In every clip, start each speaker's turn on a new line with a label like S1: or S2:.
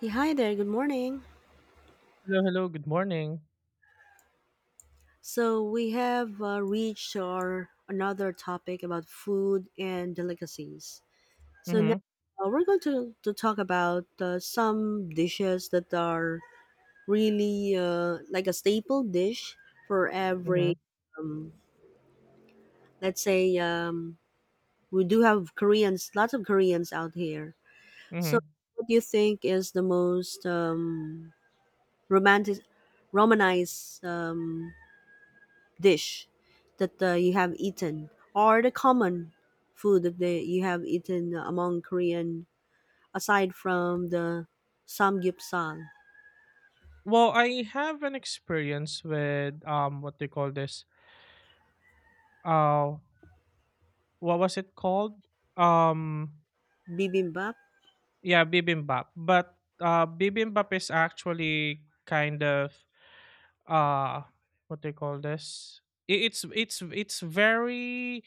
S1: Yeah, hi there. Good morning.
S2: Hello, hello. Good morning.
S1: So we have reached our another topic about food and delicacies. So now
S2: Mhm.
S1: we're going to talk about some dishes that are really like a staple dish for every.
S2: Mhm.
S1: Um, let's say we do have Koreans, lots of Koreans out here. So
S2: Mhm.
S1: what do you think is the most romantic, romanized dish that you have eaten or the common food that you have eaten among Korean aside from the samgyeopsal,
S2: Well, I have an experience with what do you call this? Uh what was it called? Um
S1: bibimbap?
S2: yeah, bibimbap. But bibimbap is actually kind of uh what do you call this? It's very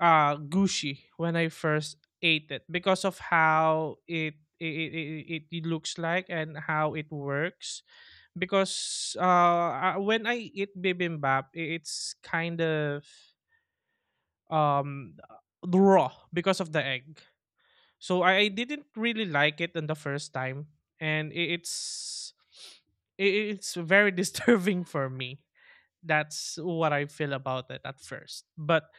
S2: gushy when I first ate it because of how it, it, it looks like and how it works because when I eat bibimbap, it's kind of um raw because of the egg. So I didn't really like it on the first time, and it's very disturbing for me. That's what I feel about it at first. But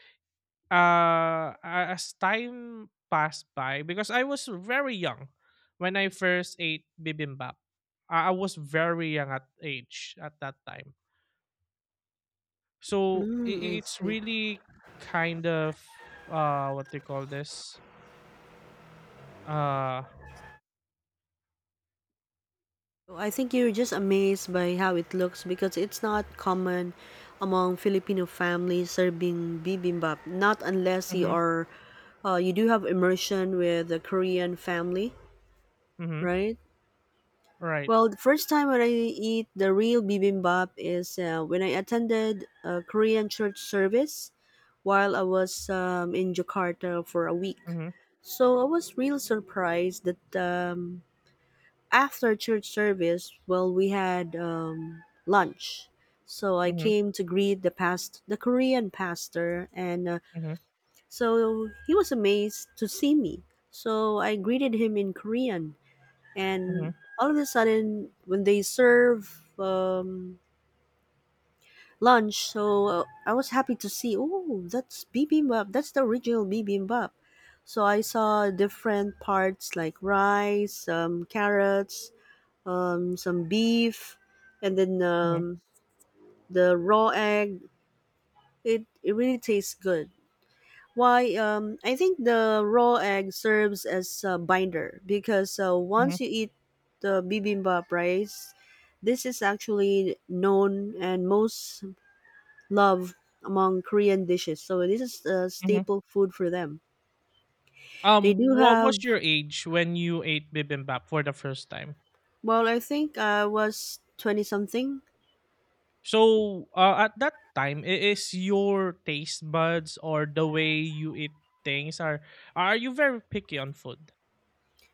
S2: as time passed by, because I was very young when I first ate bibimbap, I was very young at age at that time. So
S1: Mm, I
S2: it's
S1: see.
S2: really kind of what they call this uh
S1: So, I think you're just amazed by how it looks because it's not common among Filipino families serving bibimbap. Not unless
S2: mhm.
S1: you do have immersion with a Korean family,
S2: Mhm.
S1: right?
S2: Right.
S1: Well, the first time when I eat the real bibimbap is when I attended a Korean church service while I was in Jakarta for a week.
S2: Mhm.
S1: So I was real surprised that after church service, well, we had lunch. So I
S2: Mhm.
S1: came to greet the Korean pastor, and
S2: Mhm.
S1: so he was amazed to see me. So I greeted him in Korean
S2: Mhm.
S1: and all of a sudden when they serve lunch, so I was happy to see, oh, that's bibimbap, that's the original bibimbap. So I saw different parts like rice, carrots, some beef, and then
S2: Mhm.
S1: the raw egg. It really tastes good. Why, I think the raw egg serves as a binder, because
S2: Mhm.
S1: once you eat the bibimbap rice, this is actually known and most loved among Korean dishes. So this is a
S2: Mhm.
S1: staple food for them. They do
S2: What
S1: have,
S2: was your age when you ate bibimbap for the first time?
S1: well, I think I was 20 something.
S2: So at that time is your taste buds or the way you eat things are you very picky on food?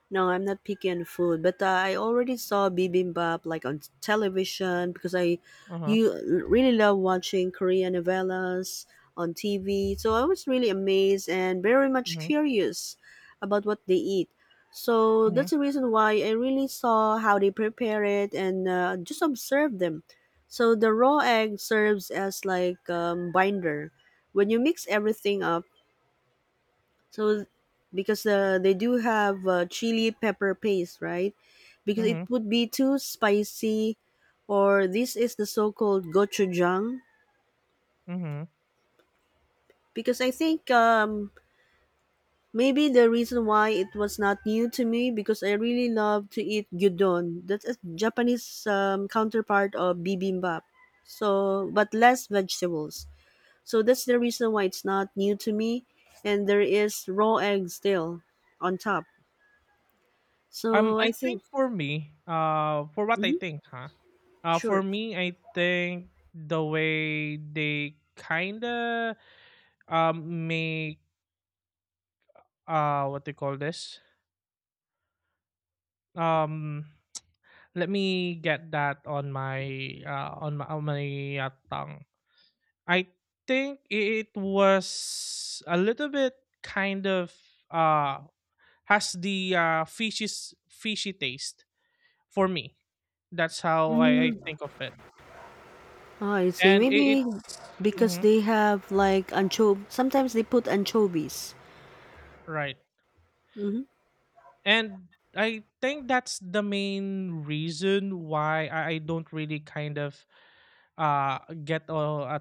S1: No, I'm not picky on food, but I already saw bibimbap like on television, because I
S2: Uh-huh.
S1: you really love watching Korean novellas on TV. So I was really amazed and very much
S2: Mhm.
S1: curious about what they eat. So
S2: Mhm.
S1: that's the reason why I really saw how they prepare it and just observe them. So the raw egg serves as like binder. When you mix everything up, so because they do have chili pepper paste, right? Because it
S2: Mhm.
S1: would be too spicy, or this is the so-called gochujang.
S2: Mhm.
S1: Because I think maybe the reason why it was not new to me, because I really love to eat gyudon. That's a Japanese counterpart of bibimbap. So, but less vegetables. So that's the reason why it's not new to me. And there is raw egg still on top. So I
S2: I
S1: think.
S2: think for me, for what I
S1: Mm-hmm.
S2: think, huh? For
S1: Sure.
S2: me, I think the way they kinda make what they call this um let me get that on my on my tongue. I think it was a little bit kind of uh has the fishy fishy taste for me. That's how I
S1: Mm,
S2: think of it.
S1: I see.
S2: And
S1: Maybe
S2: it's
S1: because
S2: mhm,
S1: they have like anchov, sometimes they put anchovies.
S2: right.
S1: Mhm.
S2: And I think that's the main reason why I don't really kind of uh get a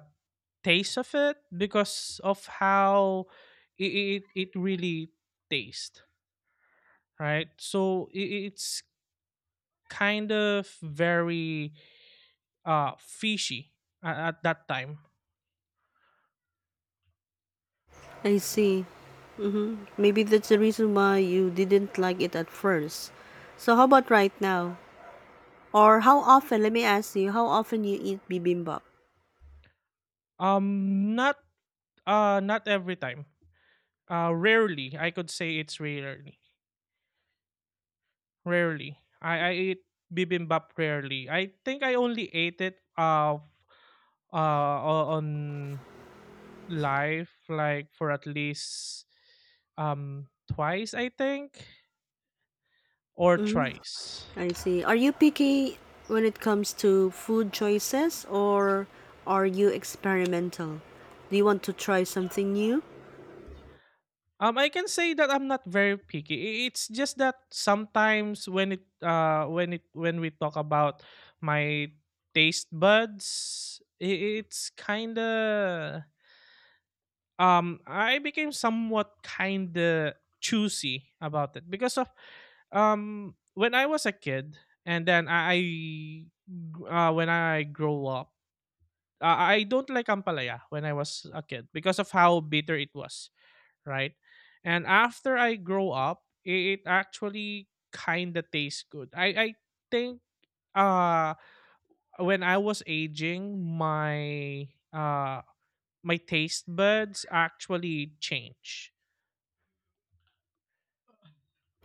S2: taste of it because of how it really tastes right. So it's kind of very fishy at that time.
S1: I see. Maybe that's the reason why you didn't like it at first. So how about right now? Or how often, let me ask you, how often you eat bibimbap?
S2: Not not every time. Rarely I could say it's rarely. Rarely. I eat bibimbap rarely. I think I only ate it on live like for at least twice I think or
S1: Mm,
S2: thrice.
S1: I see. Are you picky when it comes to food choices, or are you experimental? Do you want to try something new?
S2: Um, I can say that I'm not very picky. It's just that sometimes when it when it when we talk about my taste buds, it's kind of I became somewhat kind of choosy about it because of when I was a kid and then I when I grow up, I don't like ampalaya when I was a kid because of how bitter it was, right? And after I grow up, it actually kind of tastes good. I think uh when I was aging, my my taste buds actually change.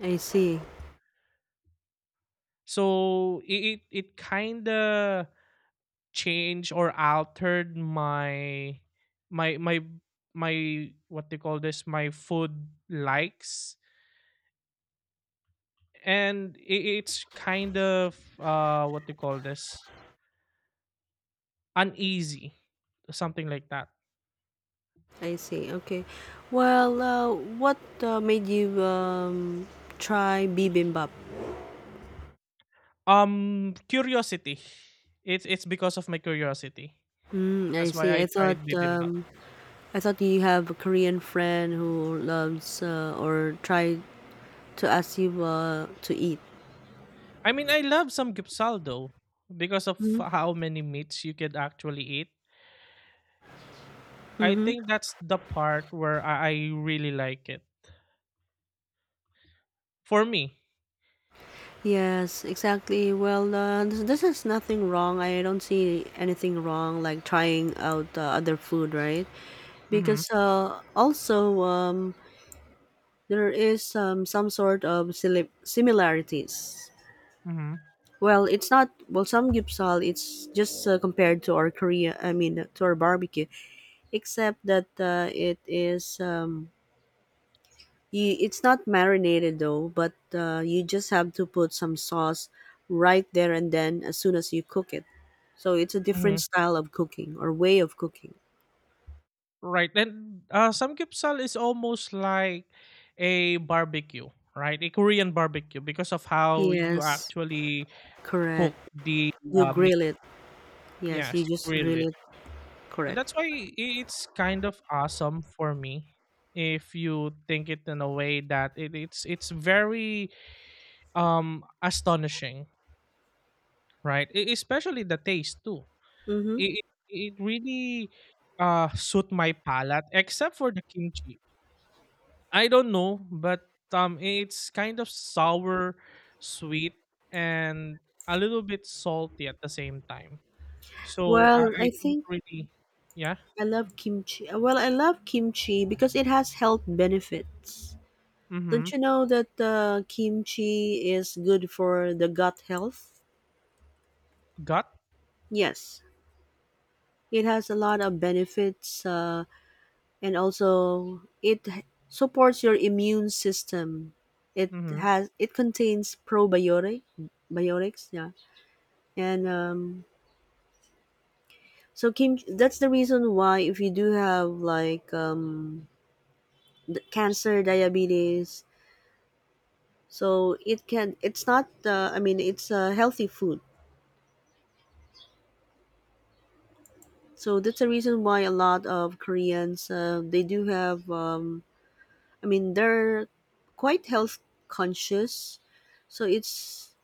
S1: I see.
S2: So it kind of changed or altered my my my what they call this my food likes. And it's kind of what they call this uneasy, something like that.
S1: I see. Okay. Well, what made you try bibimbap?
S2: Curiosity. It's because of my curiosity.
S1: Mm, I
S2: That's why
S1: see.
S2: I
S1: I thought
S2: tried bibimbap.
S1: um, you have a Korean friend who loves or tried to ask you to eat.
S2: I mean, I love some gyupsal though, because of how many meats you can actually eat. I
S1: Mm-hmm.
S2: think that's the part where I really like it for me.
S1: Yes, exactly. Well, this is nothing wrong. I don't see anything wrong like trying out other food, right?
S2: Mm-hmm.
S1: Because also there is some sort of similarities.
S2: Mm-hmm.
S1: Well, it's not, well, some gyupsal. It's just compared to our Korea. I mean, to our barbecue, except that it is. You, it's not marinated though, but you just have to put some sauce right there and then as soon as you cook it. So it's a
S2: Mm-hmm.
S1: different style of cooking or way of cooking.
S2: Right, and samgyeopsal is almost like a barbecue, right? A Korean barbecue because of how you
S1: Yes,
S2: actually cook
S1: correct.
S2: the
S1: You
S2: meat.
S1: grill it. Yes,
S2: Yes,
S1: you
S2: you
S1: just
S2: grill
S1: grill
S2: it.
S1: it.
S2: And
S1: Correct.
S2: that's why it's kind of awesome for me if you think it in a way that it's very astonishing right. Especially the taste too,
S1: Mm-hmm.
S2: it, it really suit my palate except for the kimchi. I don't know, but it's kind of sour, sweet, and a little bit salty at the same time. So
S1: Well, I
S2: I don't
S1: think
S2: really. Yeah.
S1: I love kimchi. Well, I love kimchi because it has health benefits. Don't
S2: Mm-hmm.
S1: you know that kimchi is good for the gut health?
S2: Gut.
S1: Yes, it has a lot of benefits, and also supports your immune system. It
S2: Mm-hmm.
S1: has it contains probiotic biotics, yeah, and so kimchi. That's the reason why if you do have like cancer, diabetes, so it can, it's not I mean it's healthy food. So that's the reason why a lot of Koreans, they do have I mean they're quite health conscious. So it's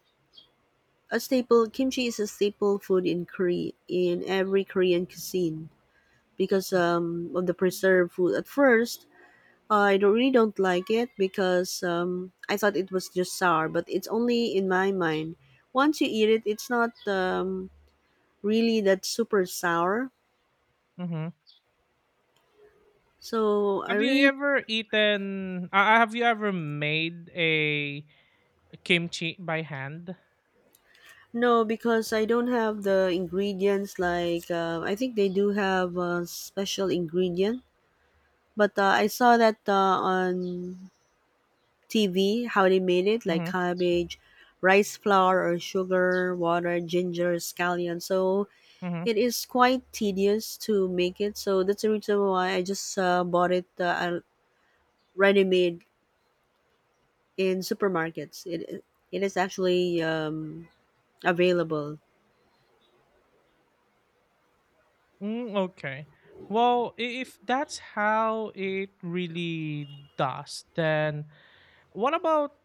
S1: a staple, kimchi is a staple food in Korea, in every Korean cuisine, because of the preserved food. At first I don't, really don't like it because I thought it was just sour, but it's only in my mind. Once you eat it, it's not really, that's super sour.
S2: Mhm.
S1: So I
S2: Have you
S1: really.
S2: ever eaten have you ever made a kimchi by hand?
S1: No, because I don't have the ingredients. Like I think they do have a special ingredient, but I saw that on TV how they made it, like
S2: Mhm.
S1: cabbage, rice flour or sugar, water, ginger, scallion. So
S2: Mhm.
S1: it is quite tedious to make it. So that's the reason why I just bought it ready made in supermarkets. It is actually available.
S2: Mm, okay. Well, if that's how it really does, then what about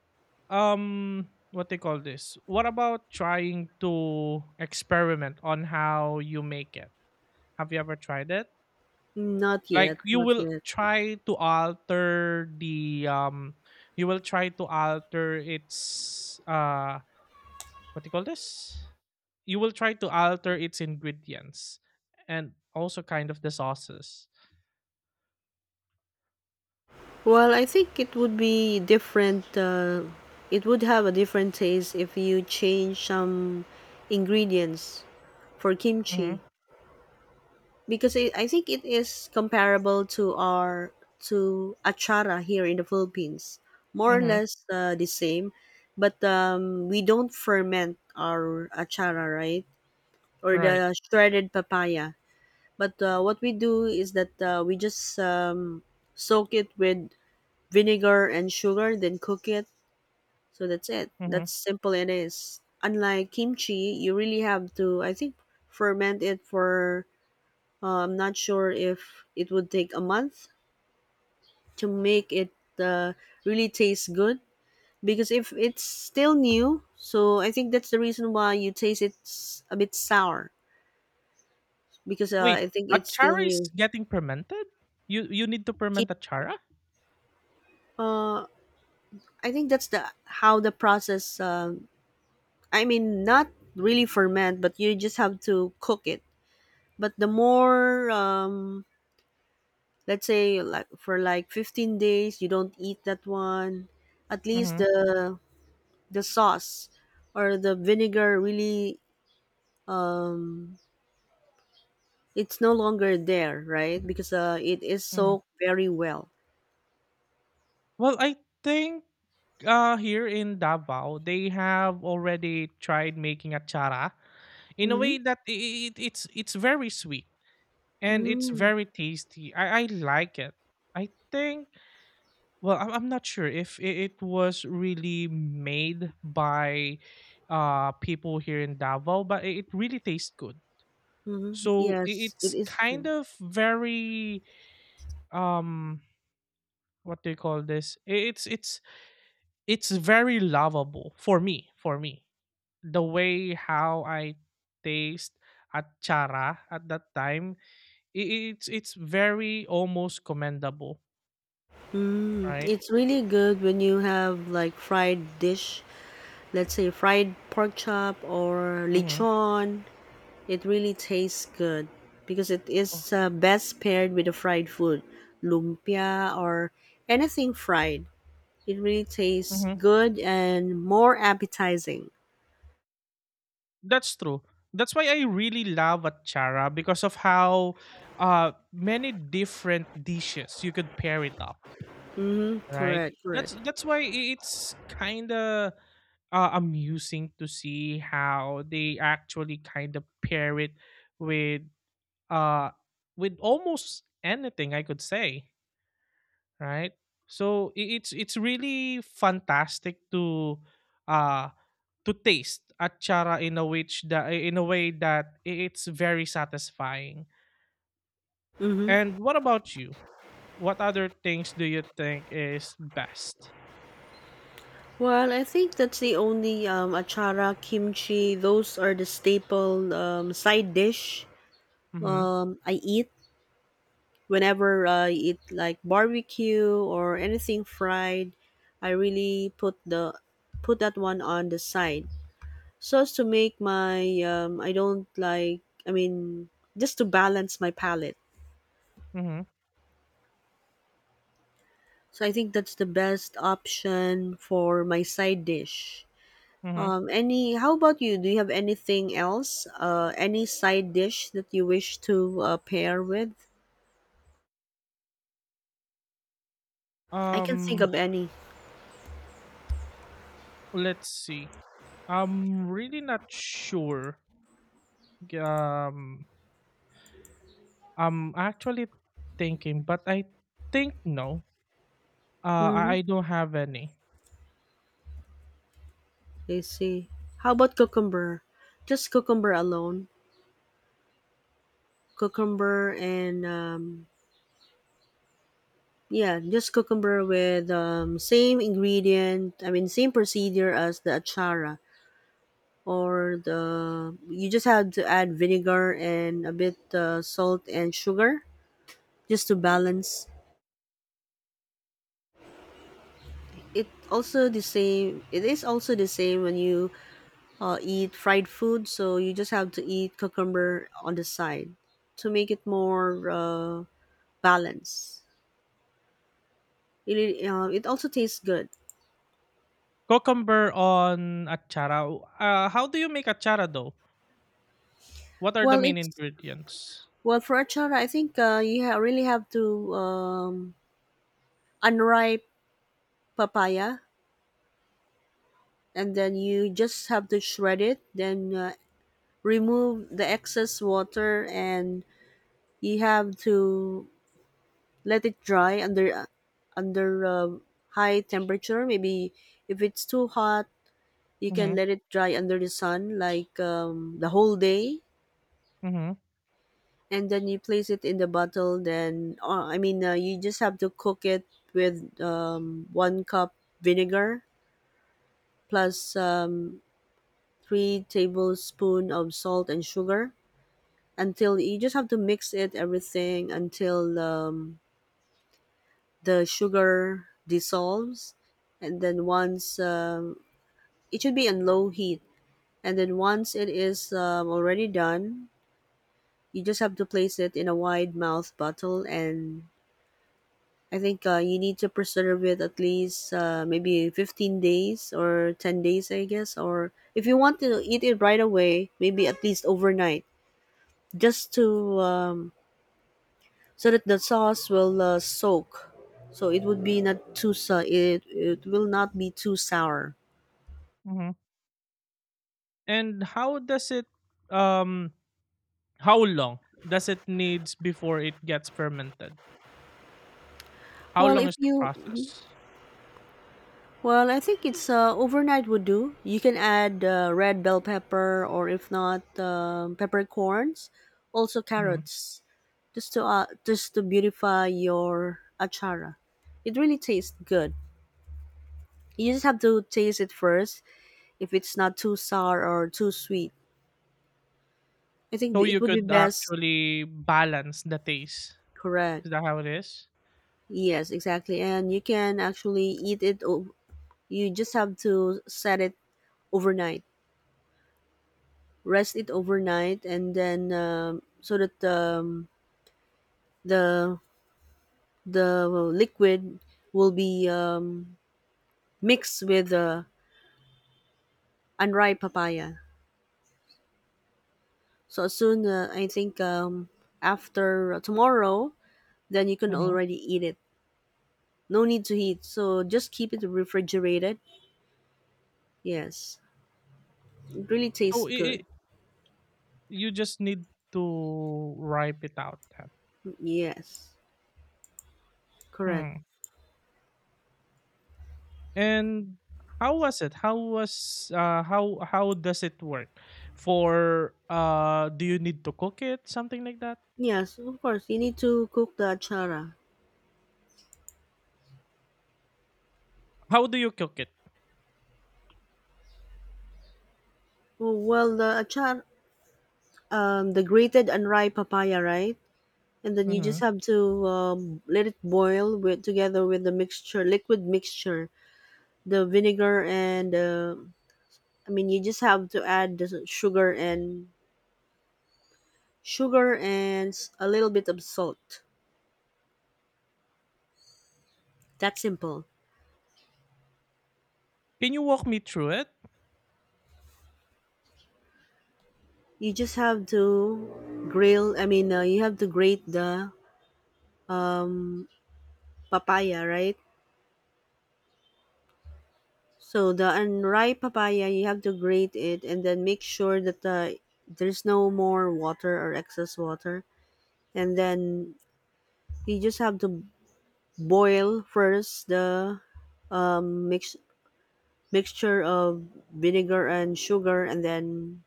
S2: what they call this? What about trying to experiment on how you make it? Have you ever tried it?
S1: Not yet,
S2: Like you
S1: not
S2: will
S1: yet.
S2: try to alter the you will try to alter its what do you call this, you will try to alter its ingredients and also kind of the sauces.
S1: Well, I think it would be different. It would have a different taste if you change some ingredients for
S2: Mm-hmm.
S1: kimchi, because I think it is comparable to our to achara here in the Philippines, more or
S2: Mm-hmm.
S1: less the same, but we don't ferment our achara, right? Or
S2: Right.
S1: the shredded papaya. But what we do is that we just soak it with vinegar and sugar, then cook it. So that's it.
S2: Mm-hmm.
S1: That's simple it is. Unlike kimchi, you really have to, I think, ferment it for, I'm not sure if it would take a month to make it uh, really taste good. Because if it's still new, so I think that's the reason why you taste it's a bit sour. Because
S2: Wait,
S1: I think it's still
S2: achara is
S1: new.
S2: getting fermented? You need to
S1: Ki-
S2: ferment achara?
S1: Uh, I think that's the how the process. I mean, not really ferment, but you just have to cook it. But the more, let's say, like for 15 days, you don't eat that one. At least
S2: Mm-hmm.
S1: the sauce or the vinegar really, um, it's no longer there, right? Because it is
S2: Hmm.
S1: soaked very well.
S2: Well, I think here in Davao, they have already tried making achara in a
S1: Mm-hmm.
S2: way that it's very sweet and it's
S1: Mm-hmm.
S2: very tasty. I like it. I think well I'm not sure if it was really made by people here in Davao, but it really tastes good.
S1: Mm-hmm.
S2: So
S1: Yes, it
S2: it's
S1: is.
S2: kind of very um what do you call this? It's very lovable for me for me. The way how I taste at chara at that time it's very almost commendable,
S1: Mm,
S2: right?
S1: it's really good when you have like fried dish, let's say fried pork chop or
S2: Mhm.
S1: lechon. It really tastes good because it
S2: Oh,
S1: is best paired with a fried food, lumpia or anything fried. It really tastes
S2: mhm.
S1: good and more appetizing.
S2: That's true. That's why I really love at chara because of how many different dishes you could pair it up,
S1: Mm-hmm.
S2: right?
S1: Correct. Correct.
S2: That's why it's kind of amusing to see how they actually kind of pair it with uh with almost anything I could say, right? So it's really fantastic uh to taste achara in a which the in a way that it's very satisfying.
S1: Mm-hmm.
S2: And what about you? What other things do you think is best?
S1: Well, I think that's the only achara, kimchi. Those are the staple side dish
S2: Mm-hmm.
S1: I eat. Whenever I eat like barbecue or anything fried, I really put that one on the side. So as to make my I don't like I mean just to balance my palate.
S2: Mm-hmm.
S1: So I think that's the best option for my side dish.
S2: Mm-hmm.
S1: Any, how about you? Do you have anything else? Any side dish that you wish to pair with? I can think
S2: Um,
S1: of any.
S2: let's see. I'm really not sure. Um, I'm actually thinking, but I think no.
S1: Hmm.
S2: I don't have any.
S1: I see. How about cucumber? Just cucumber alone. Cucumber and yeah, just cucumber with same ingredient. I mean, same procedure as the achara, or the, you just have to add vinegar and a bit salt and sugar, just to balance. It also the same. It is also the same when you eat fried food. So you just have to eat cucumber on the side to make it more. Balance. It also tastes good.
S2: Cucumber on achara. How do you make achara though? What are the
S1: Well,
S2: main
S1: it's,
S2: ingredients?
S1: well, for achara, I think you really have to unripe papaya, and then you just have to shred it. Then remove the excess water, and you have to let it dry under under uh, high temperature. Maybe if it's too hot, you can
S2: Mm-hmm.
S1: let it dry under the sun like the whole day,
S2: Mm-hmm.
S1: and then you place it in the bottle, then you just have to cook it with 1 cup vinegar plus 3 tablespoon of salt and sugar, until you just have to mix it everything until the sugar dissolves. And then once it should be on low heat, and then once it is already done, you just have to place it in a wide mouth bottle. And I think you need to preserve it at least maybe 15 days or 10 days, I guess. Or if you want to eat it right away, maybe at least overnight, just to so that the sauce will soak. So it would be not too, so it will not be too sour.
S2: Mm-hmm. And how does it? Um, how long does it needs before it gets fermented? How
S1: Well,
S2: long
S1: if
S2: is the
S1: you
S2: process?
S1: well, I think it's overnight would do. You can add red bell pepper or if not peppercorns, also
S2: Mhm.
S1: carrots. Just to beautify your achara. It really tastes good. You just have to taste it first if it's not too sour or too sweet. I think
S2: So you
S1: it would be
S2: could
S1: best.
S2: actually balance the taste.
S1: Correct.
S2: Is that how it is?
S1: Yes, exactly. And you can actually eat it. You just have to set it overnight, rest it overnight, and then so that the the liquid will be mixed with the unripe papaya. So as soon, I think after tomorrow, then you can
S2: Mhm.
S1: already eat it. No need to heat. So just keep it refrigerated. Yes, it really tastes
S2: So
S1: good.
S2: I you just need to ripe it out then.
S1: Yes, correct.
S2: Hmm. And how was it? How was how does it work? For do you need to cook it? Something like that?
S1: Yes, of course you need to cook the achara.
S2: How do you cook it?
S1: Oh, well, the achar, the grated unripe papaya, right? And then you just
S2: Mhm.
S1: have to let it boil with together with the mixture, liquid mixture, the vinegar and I mean, you just have to add the sugar and sugar and a little bit of salt. That's simple.
S2: Can you walk me through it?
S1: You just have to grill. I mean, you have to grate the um, papaya, right? So the unripe papaya, you have to grate it and then make sure that there's no more water or excess water. And then you just have to boil first the um, mix mixture of vinegar and sugar, and then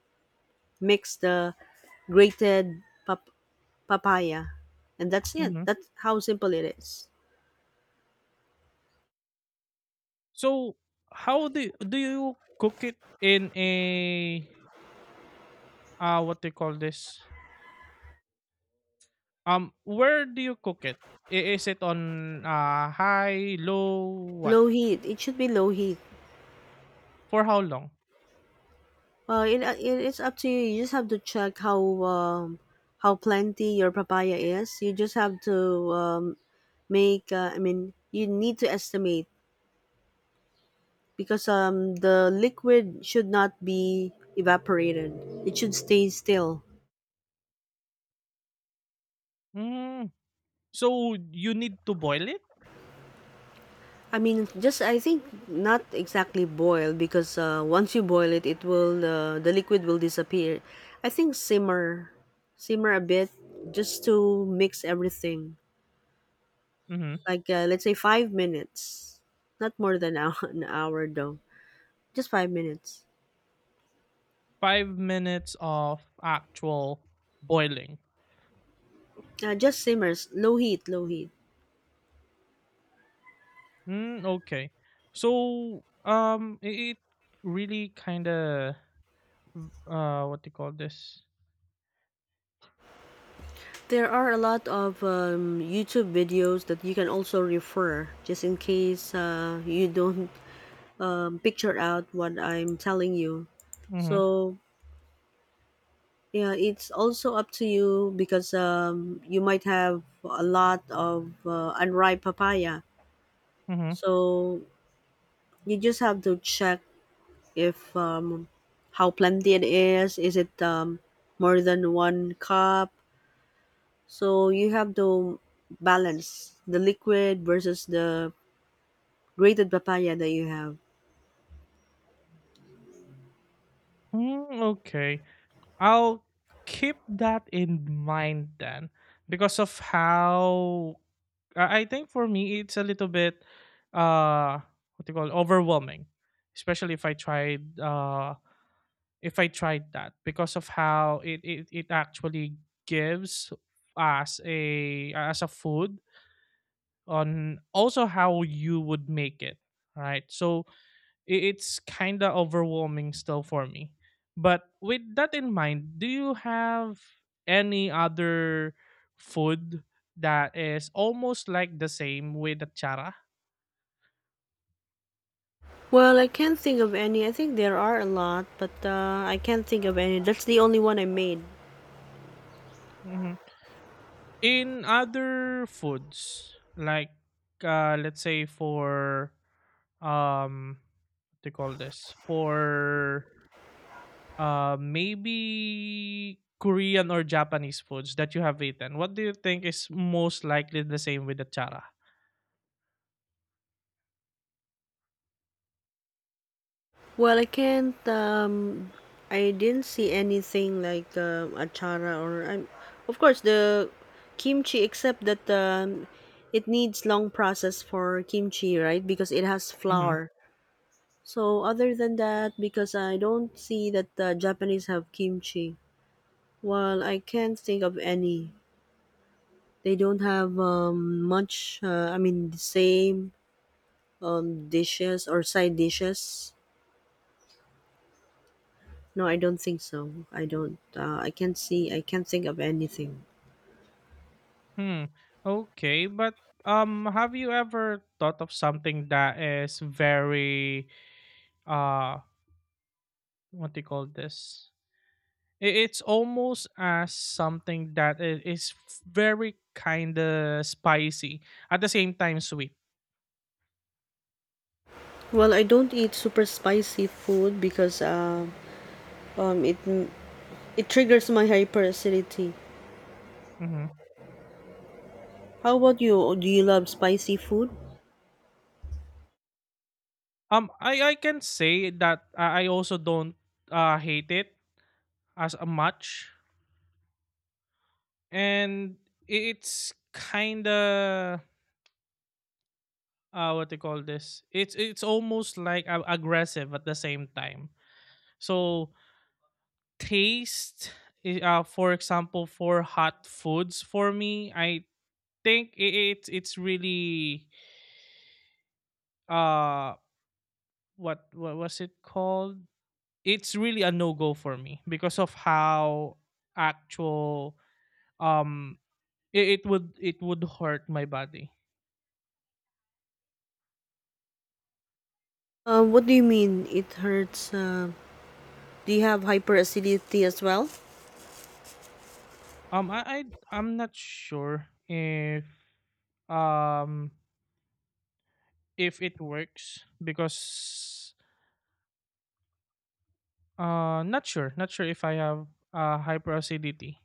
S1: mix the grated pap- papaya, and that's it.
S2: Mhm.
S1: That's how simple it is.
S2: So, how do do you cook it in a what they call this where do you cook it? Is it on high low what
S1: Low heat. It should be low heat.
S2: for how long?
S1: Well, it is up to you. You just have to check how plenty your papaya is. You just have to um, make. I mean, you need to estimate because the liquid should not be evaporated. It should stay still.
S2: Hmm. So you need to boil it?
S1: I mean, just I think not exactly boil because once you boil it, it will the liquid will disappear. I think simmer, simmer a bit just to mix everything.
S2: Hmm.
S1: Like let's say 5 minutes, not more than an hour though. Just 5 minutes.
S2: 5 minutes of actual boiling.
S1: Just simmers, low heat, low heat.
S2: Mm, okay. So it, it really kind of what do you call this?
S1: There are a lot of YouTube videos that you can also refer just in case you don't picture out what I'm telling you.
S2: Mm-hmm.
S1: So yeah, it's also up to you because you might have a lot of unripe papaya.
S2: Mm-hmm.
S1: So you just have to check if how plenty it is. Is it more than 1 cup? So you have to balance the liquid versus the grated papaya that you have.
S2: Mm, okay. I'll keep that in mind then because of how I think for me it's a little bit uh what do you call it, overwhelming, especially if I tried that because of how it actually gives us a as a food on also how you would make it right. So it's kind of overwhelming still for me. But with that in mind, do you have any other food that is almost like the same with the chara?
S1: Well, I can't think of any. I think there are a lot, but I can't think of any. That's the only one I made.
S2: Hmm. In other foods, like let's say for um what do you call this for maybe Korean or Japanese foods that you have eaten, what do you think is most likely the same with the chara?
S1: Well, I can't. I didn't see anything like achara or. Of course, the kimchi, except that it needs long process for kimchi, right? Because it has
S2: Mm-hmm.
S1: flour. So other than that, because I don't see that the Japanese have kimchi. Well, I can't think of any. They don't have much. I mean, the same dishes or side dishes. No, I don't think so. I don't. I can't see. I can't think of anything.
S2: Hmm. Okay, but have you ever thought of something that is very uh, what do you call this? I- It's almost as something that is very kind of spicy at the same time sweet.
S1: Well, I don't eat super spicy food because um, it it triggers my hyperacidity.
S2: Hmm.
S1: How about you? Do you love spicy food?
S2: I can say that I also don't hate it as a much, and it's kind of what they call this, it's almost like aggressive at the same time so taste for example for hot foods for me I think it it's really uh what was it called, it's really a no-go for me because of how actual um it, it would hurt my body.
S1: What do you mean? It hurts. Do you have hyperacidity as well?
S2: Um, I, I I'm not sure um if it works because not sure not sure if I have hyperacidity.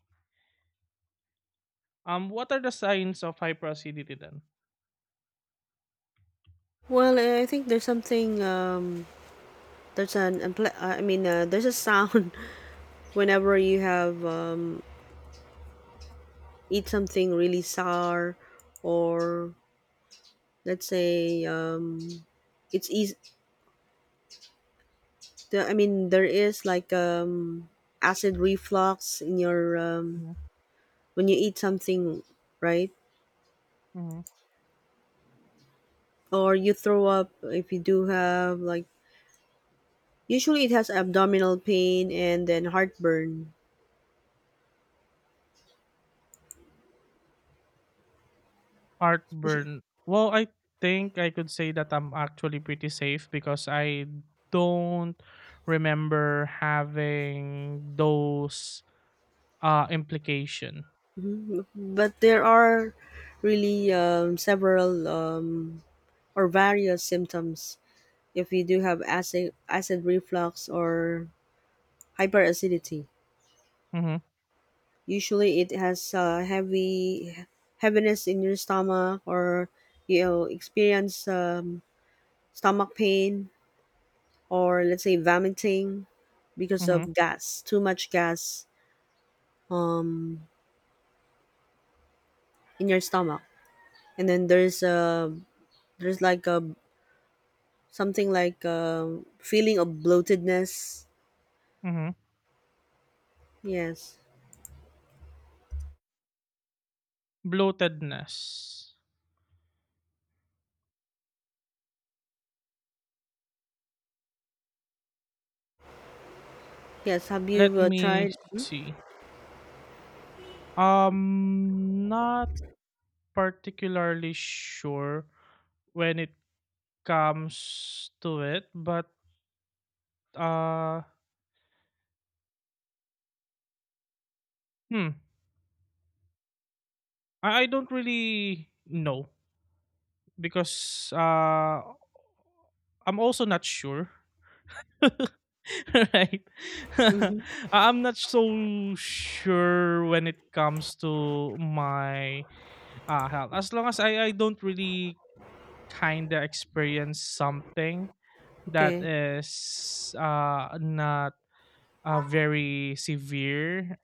S2: What are the signs of hyperacidity then?
S1: Well, I think there's something. There's an. I mean, there's a sound whenever you have eat something really sour, or let's say it's easy the, I mean there is like acid reflux in your when you eat something, right?
S2: Hmm.
S1: Or you throw up if you do have like usually it has abdominal pain and then heartburn.
S2: Heartburn. Well, I think I could say that I'm actually pretty safe because I don't remember having those implication.
S1: But there are really several or various symptoms if you do have acid reflux or hyperacidity.
S2: Mhm.
S1: Usually, it has heavy heaviness in your stomach, or you'll experience stomach pain, or let's say vomiting because
S2: Mhm.
S1: of gas, too much gas in your stomach. And then there's like a something like a feeling of bloatedness.
S2: Mhm.
S1: Yes,
S2: Bloatedness.
S1: yes. Have
S2: Let
S1: you tried?
S2: me
S1: Mm-hmm.
S2: see. Um, not particularly sure when it comes to it, but uh hmm, I don't really know because I'm also not sure. Right?
S1: Mm-hmm.
S2: I'm not so sure when it comes to my health. As long as I don't really kind of experience something that
S1: Okay.
S2: is not very severe,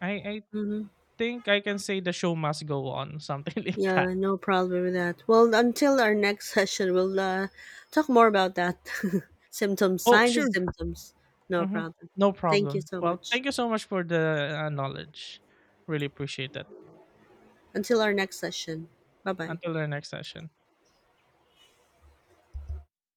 S2: I
S1: Mm-hmm.
S2: think I can say the show must go on, something like that.
S1: Yeah, no problem with that. Well, until our next session, we'll talk more about that. Symptoms,
S2: Oh,
S1: signs
S2: sure.
S1: and symptoms. No
S2: Hmm.
S1: problem.
S2: No
S1: Thank you
S2: problem.
S1: so
S2: Well,
S1: much.
S2: thank you so much for the knowledge. Really appreciate that.
S1: Until our next session. Bye bye.
S2: Until the next session.